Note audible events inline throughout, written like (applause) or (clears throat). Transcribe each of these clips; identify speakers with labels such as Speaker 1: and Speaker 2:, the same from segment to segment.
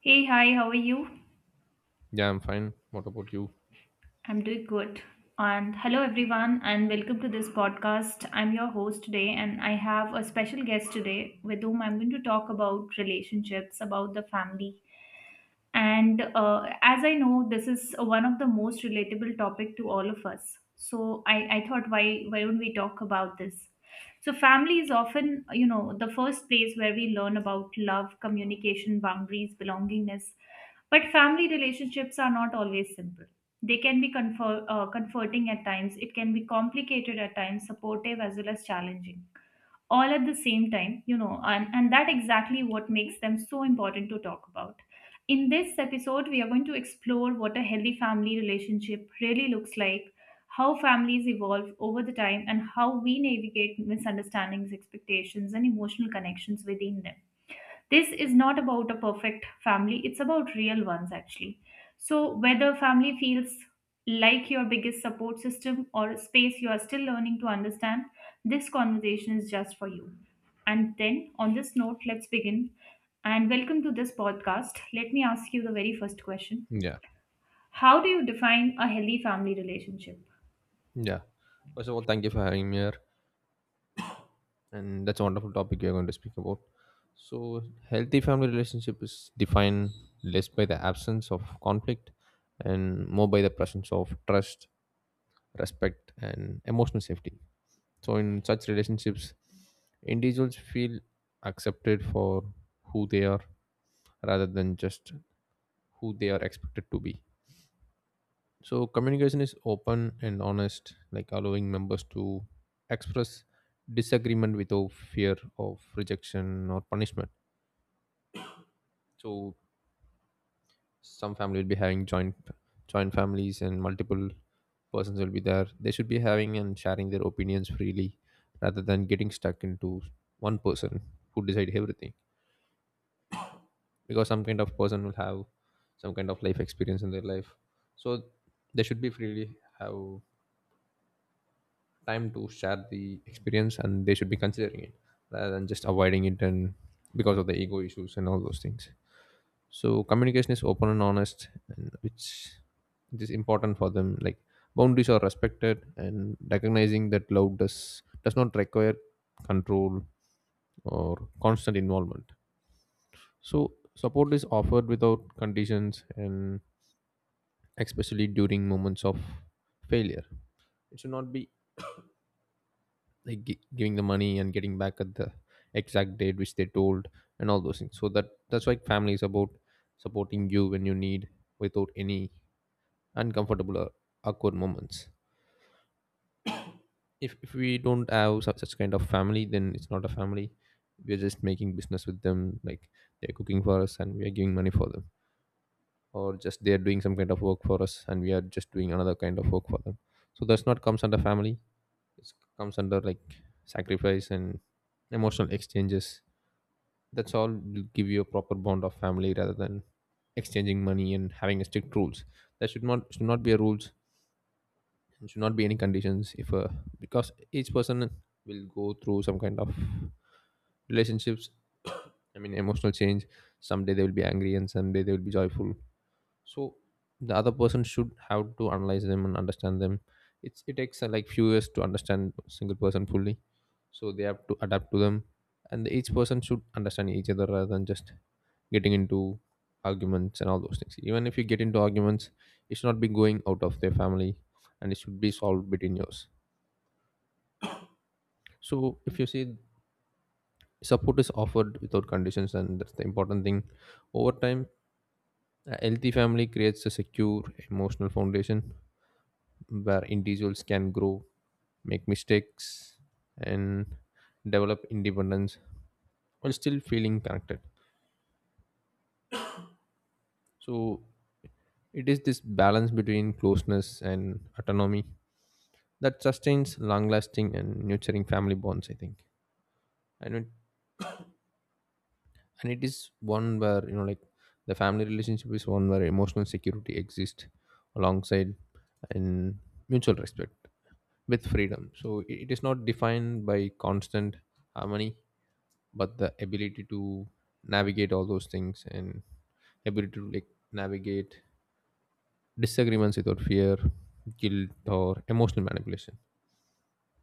Speaker 1: Hey, hi, how are you?
Speaker 2: Yeah, I'm fine. What about you?
Speaker 1: I'm doing good. And hello, everyone, and welcome to this podcast. I'm your host today, and I have a special guest today with whom I'm going to talk about relationships, about the family, and as I know this is one of the most relatable topic to all of us, so I thought why don't we talk about this. So family is often the first place where we learn about love, communication, boundaries, belongingness, but family relationships are not always simple. They can be comforting at times, it can be complicated at times, supportive as well as challenging all at the same time, and that exactly what makes them so important to talk about. In this episode, we are going to explore what a healthy family relationship really looks like, how families evolve over the time, and how we navigate misunderstandings, expectations, and emotional connections within them. This is not about a perfect family, it's about real ones actually. So whether family feels like your biggest support system or a space you are still learning to understand, this conversation is just for you. And then on this note, let's begin. And welcome to this podcast. Let me ask you the very first question:
Speaker 2: Yeah.
Speaker 1: how do you define a healthy family relationship?
Speaker 2: Yeah. First of all, thank you for having me here. And that's a wonderful topic you're going to speak about. So, healthy family relationship is defined less by the absence of conflict and more by the presence of trust, respect, and emotional safety. So, in such relationships, individuals feel accepted for who they are rather than just who they are expected to be. So communication is open and honest, like allowing members to express disagreement without fear of rejection or punishment. So some family will be having joint families and multiple persons will be there. They should be having and sharing their opinions freely rather than getting stuck into one person who decide everything. Because some kind of person will have some kind of life experience in their life. So they should be freely have time to share the experience and they should be considering it rather than just avoiding it, and because of the ego issues and all those things. So communication is open and honest, and which it is important for them. Like boundaries are respected and recognizing that love does not require control or constant involvement. So support is offered without conditions, and especially during moments of failure it should not be like giving the money and getting back at the exact date which they told and all those things. So that that's why family is about supporting you when you need, without any uncomfortable or awkward moments. If we don't have such kind of family, then it's not a family. We're just making business with them, like they're cooking for us and we are giving money for them, or just they're doing some kind of work for us and we are just doing another kind of work for them. So that's not comes under family. It comes under like sacrifice and emotional exchanges. That's all will give you a proper bond of family rather than exchanging money and having a strict rules. There should not be a rules, and should not be any conditions if because each person will go through some kind of relationships, I mean emotional change. Someday they will be angry and someday they will be joyful. So the other person should have to analyze them and understand them. It's it takes like few years to understand a single person fully. So they have to adapt to them, and each person should understand each other rather than just getting into arguments and all those things. Even if you get into arguments, it should not be going out of their family and it should be solved between yours. So if you see, support is offered without conditions, and that's the important thing. Over time, a healthy family creates a secure emotional foundation where individuals can grow, make mistakes and develop independence while still feeling connected. So it is this balance between closeness and autonomy that sustains long lasting and nurturing family bonds I think. and it, and it is one where like the family relationship is one where emotional security exists alongside and mutual respect with freedom. So it is not defined by constant harmony, but the ability to navigate all those things, and ability to like navigate disagreements without fear, guilt, or emotional manipulation.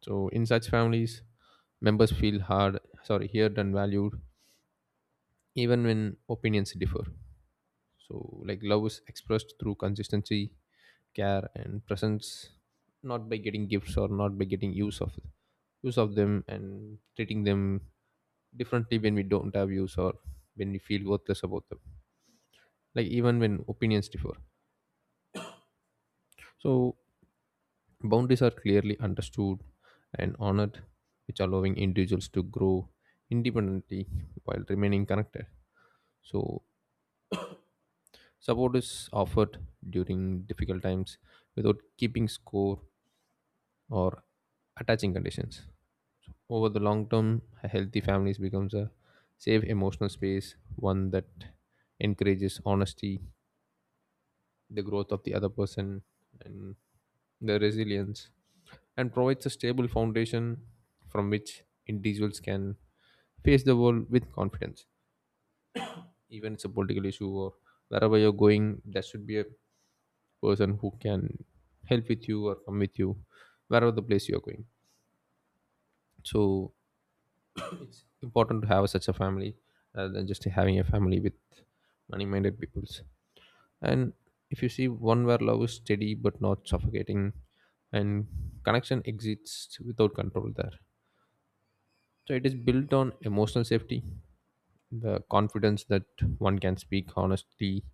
Speaker 2: So in such families, members feel hard, sorry, heard and valued, even when opinions differ. So like love is expressed through consistency, care, and presence, not by getting gifts or not by getting use of them and treating them differently when we don't have use or when we feel worthless about them. Like even when opinions differ. So boundaries are clearly understood and honored, which allowing individuals to grow independently while remaining connected. So, support is offered during difficult times without keeping score or attaching conditions. Over the long term, a healthy families becomes a safe emotional space, one that encourages honesty, the growth of the other person, and their resilience, and provides a stable foundation from which individuals can face the world with confidence. Even it's a political issue or wherever you're going, there should be a person who can help with you or come with you wherever the place you are going. So it's important to have such a family rather than just having a family with money minded peoples. And if you see, one where love is steady but not suffocating, and connection exists without control there. So it is built on emotional safety, the confidence that one can speak honestly,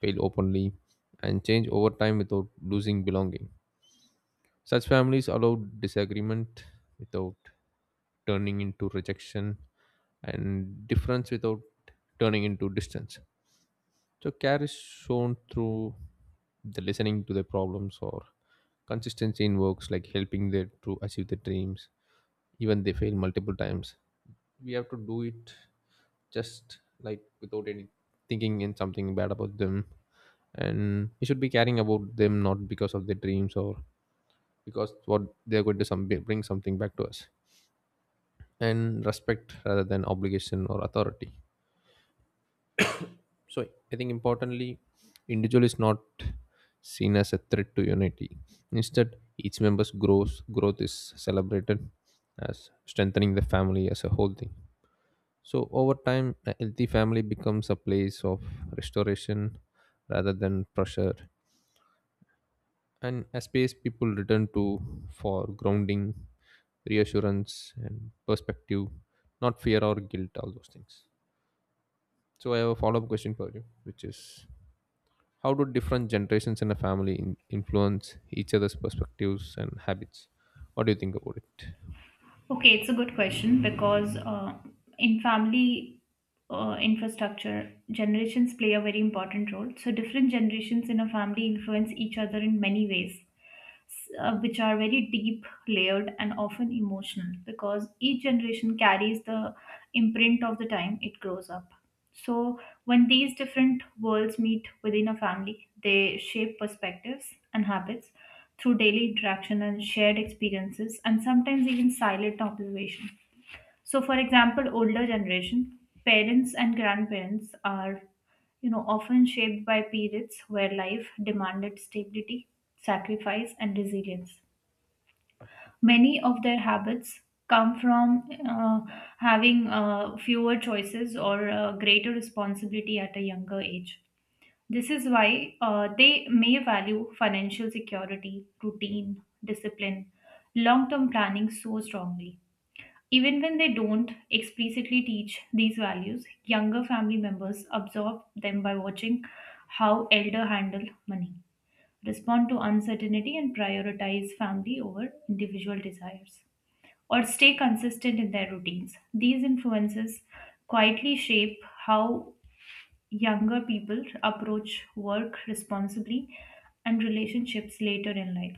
Speaker 2: fail openly, and change over time without losing belonging. Such families allow disagreement without turning into rejection, and difference without turning into distance. So, care is shown through the listening to their problems or consistency in works like helping them to achieve their dreams, even they fail multiple times. We have to do it just like without any thinking in something bad about them, and we should be caring about them not because of their dreams or because what they're going to some bring something back to us, and respect rather than obligation or authority. So I think importantly, individual is not seen as a threat to unity. Instead, each member's growth is celebrated as strengthening the family as a whole thing. So over time, a healthy family becomes a place of restoration rather than pressure, and a space people return to for grounding, reassurance, and perspective, not fear or guilt, all those things. So I have a follow-up question for you, which is how do different generations in a family influence each other's perspectives and habits? What do you think about it?
Speaker 1: Okay, it's a good question because in family infrastructure, generations play a very important role. So, different generations in a family influence each other in many ways, which are very deep layered and often emotional, because each generation carries the imprint of the time it grows up. So when these different worlds meet within a family, they shape perspectives and habits through daily interaction and shared experiences, and sometimes even silent observation. So, for example, older generation parents and grandparents are, you know, often shaped by periods where life demanded stability, sacrifice, and resilience. Many of their habits come from having fewer choices or greater responsibility at a younger age. This is why they may value financial security, routine, discipline, long term planning so strongly. Even when they don't explicitly teach these values, younger family members absorb them by watching how elder handle money, respond to uncertainty and prioritize family over individual desires, or stay consistent in their routines. These influences quietly shape how younger people approach work responsibly and relationships later in life.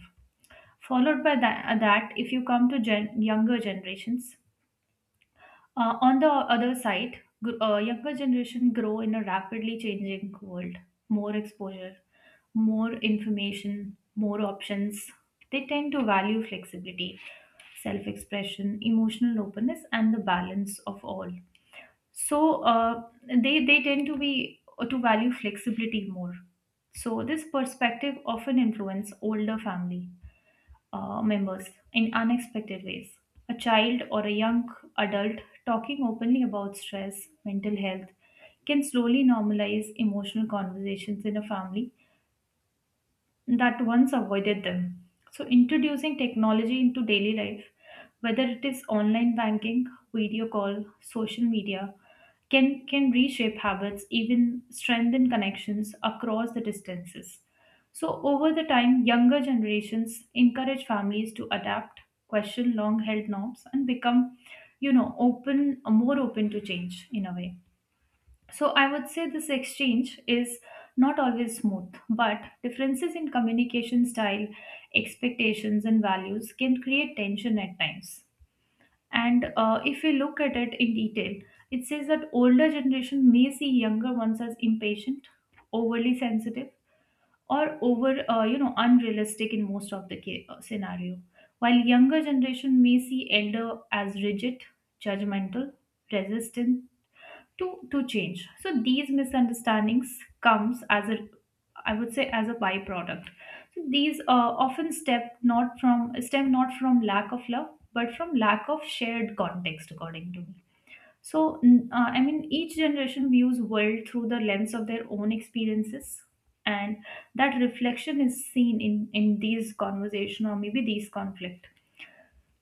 Speaker 1: Followed by that, if you come to younger generations, on the other side, younger generation grow in a rapidly changing world. More exposure, more information, more options. They tend to value flexibility, self-expression, emotional openness, and the balance of all. So they tend to be to value flexibility more. So this perspective often influence older family members in unexpected ways. A child or a young adult talking openly about stress, mental health, can slowly normalize emotional conversations in a family that once avoided them. So, introducing technology into daily life, whether it is online banking, video call, social media, can reshape habits, even strengthen connections across the distances. So, over the time, younger generations encourage families to adapt, question long held norms, and become, you know, open, more open to change in a way. So I would say this exchange is not always smooth, but differences in communication style, expectations, and values can create tension at times. And if we look at it in detail, it says that older generation may see younger ones as impatient, overly sensitive, or over you know unrealistic in most of the scenario, while younger generation may see elder as rigid, judgmental, resistant, to change. So these misunderstandings comes as a, I would say as a byproduct. So these often step not from stem not from lack of love but from lack of shared context according to me. So I mean each generation views world through the lens of their own experiences, and that reflection is seen in these conversation or maybe these conflict.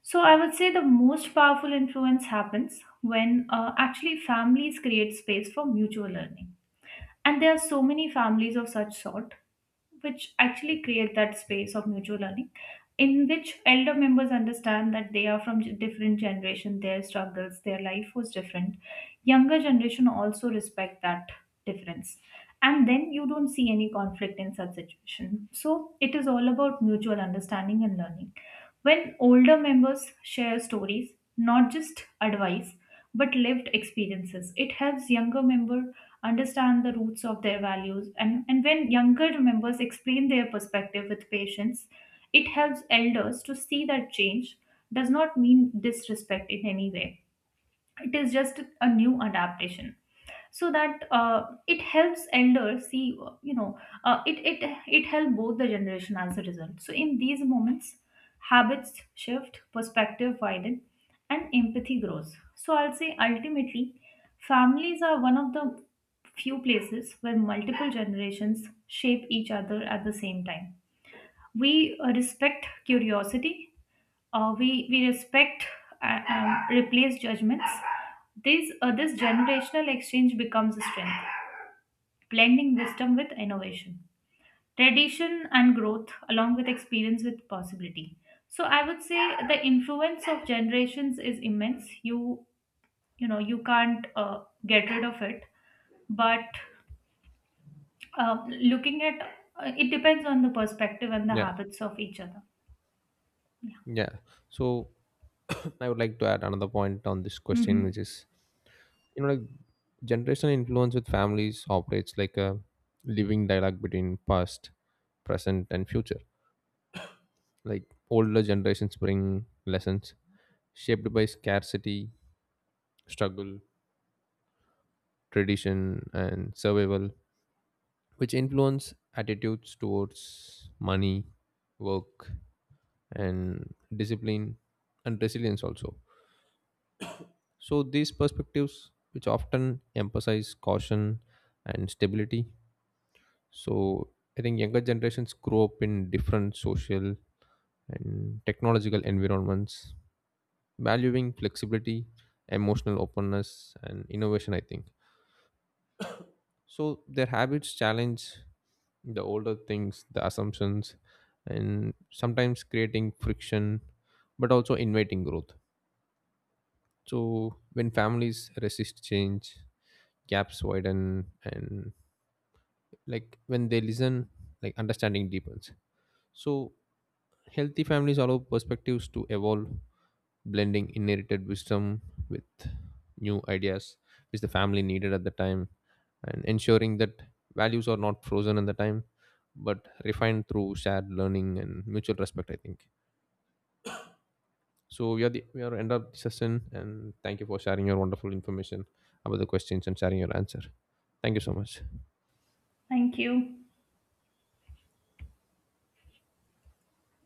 Speaker 1: So I would say the most powerful influence happens when actually families create space for mutual learning. And there are so many families of such sort, which actually create that space of mutual learning, in which elder members understand that they are from different generation, their struggles, their life was different. Younger generation also respect that difference. And then you don't see any conflict in such situation. So it is all about mutual understanding and learning. When older members share stories, not just advice, but lived experiences. It helps younger member understand the roots of their values, and when younger members explain their perspective with patience, it helps elders to see that change does not mean disrespect in any way. It is just a new adaptation, so that it helps elder see, uh, you know uh, it it it help both the generation as a result. So in these moments, habits shift, perspective widen, and empathy grows. So I'll say ultimately families are one of the few places where multiple generations shape each other at the same time. We respect curiosity, we respect replace judgments. This generational exchange becomes a strength, blending wisdom with innovation, tradition and growth along with experience with possibility. So I would say the influence of generations is immense. You know you can't get rid of it, but uh, looking at it depends on the perspective and the
Speaker 2: Yeah,
Speaker 1: habits of each other.
Speaker 2: yeah. So (clears throat) I would like to add another point on this question, which
Speaker 1: Hmm.
Speaker 2: is, you know, like generational influence with families operates like a living dialogue between past, present, and future. Like older generations bring lessons shaped by scarcity, struggle, tradition, and survival, which influence attitudes towards money, work, and discipline and resilience also. So, these perspectives, which often emphasize caution and stability. So, I think younger generations grow up in different social and technological environments, valuing flexibility, emotional openness, and innovation, I think. So, their habits challenge the older things, the assumptions, and sometimes creating friction, but also inviting growth. So when families resist change, gaps widen, and like when they listen, like understanding deepens. So healthy families allow perspectives to evolve, blending inherited wisdom with new ideas which the family needed at the time, and ensuring that values are not frozen in the time but refined through shared learning and mutual respect I think. So we are end of the session, and thank you for sharing your wonderful information about the questions and sharing your answer. Thank you so much.
Speaker 1: Thank you.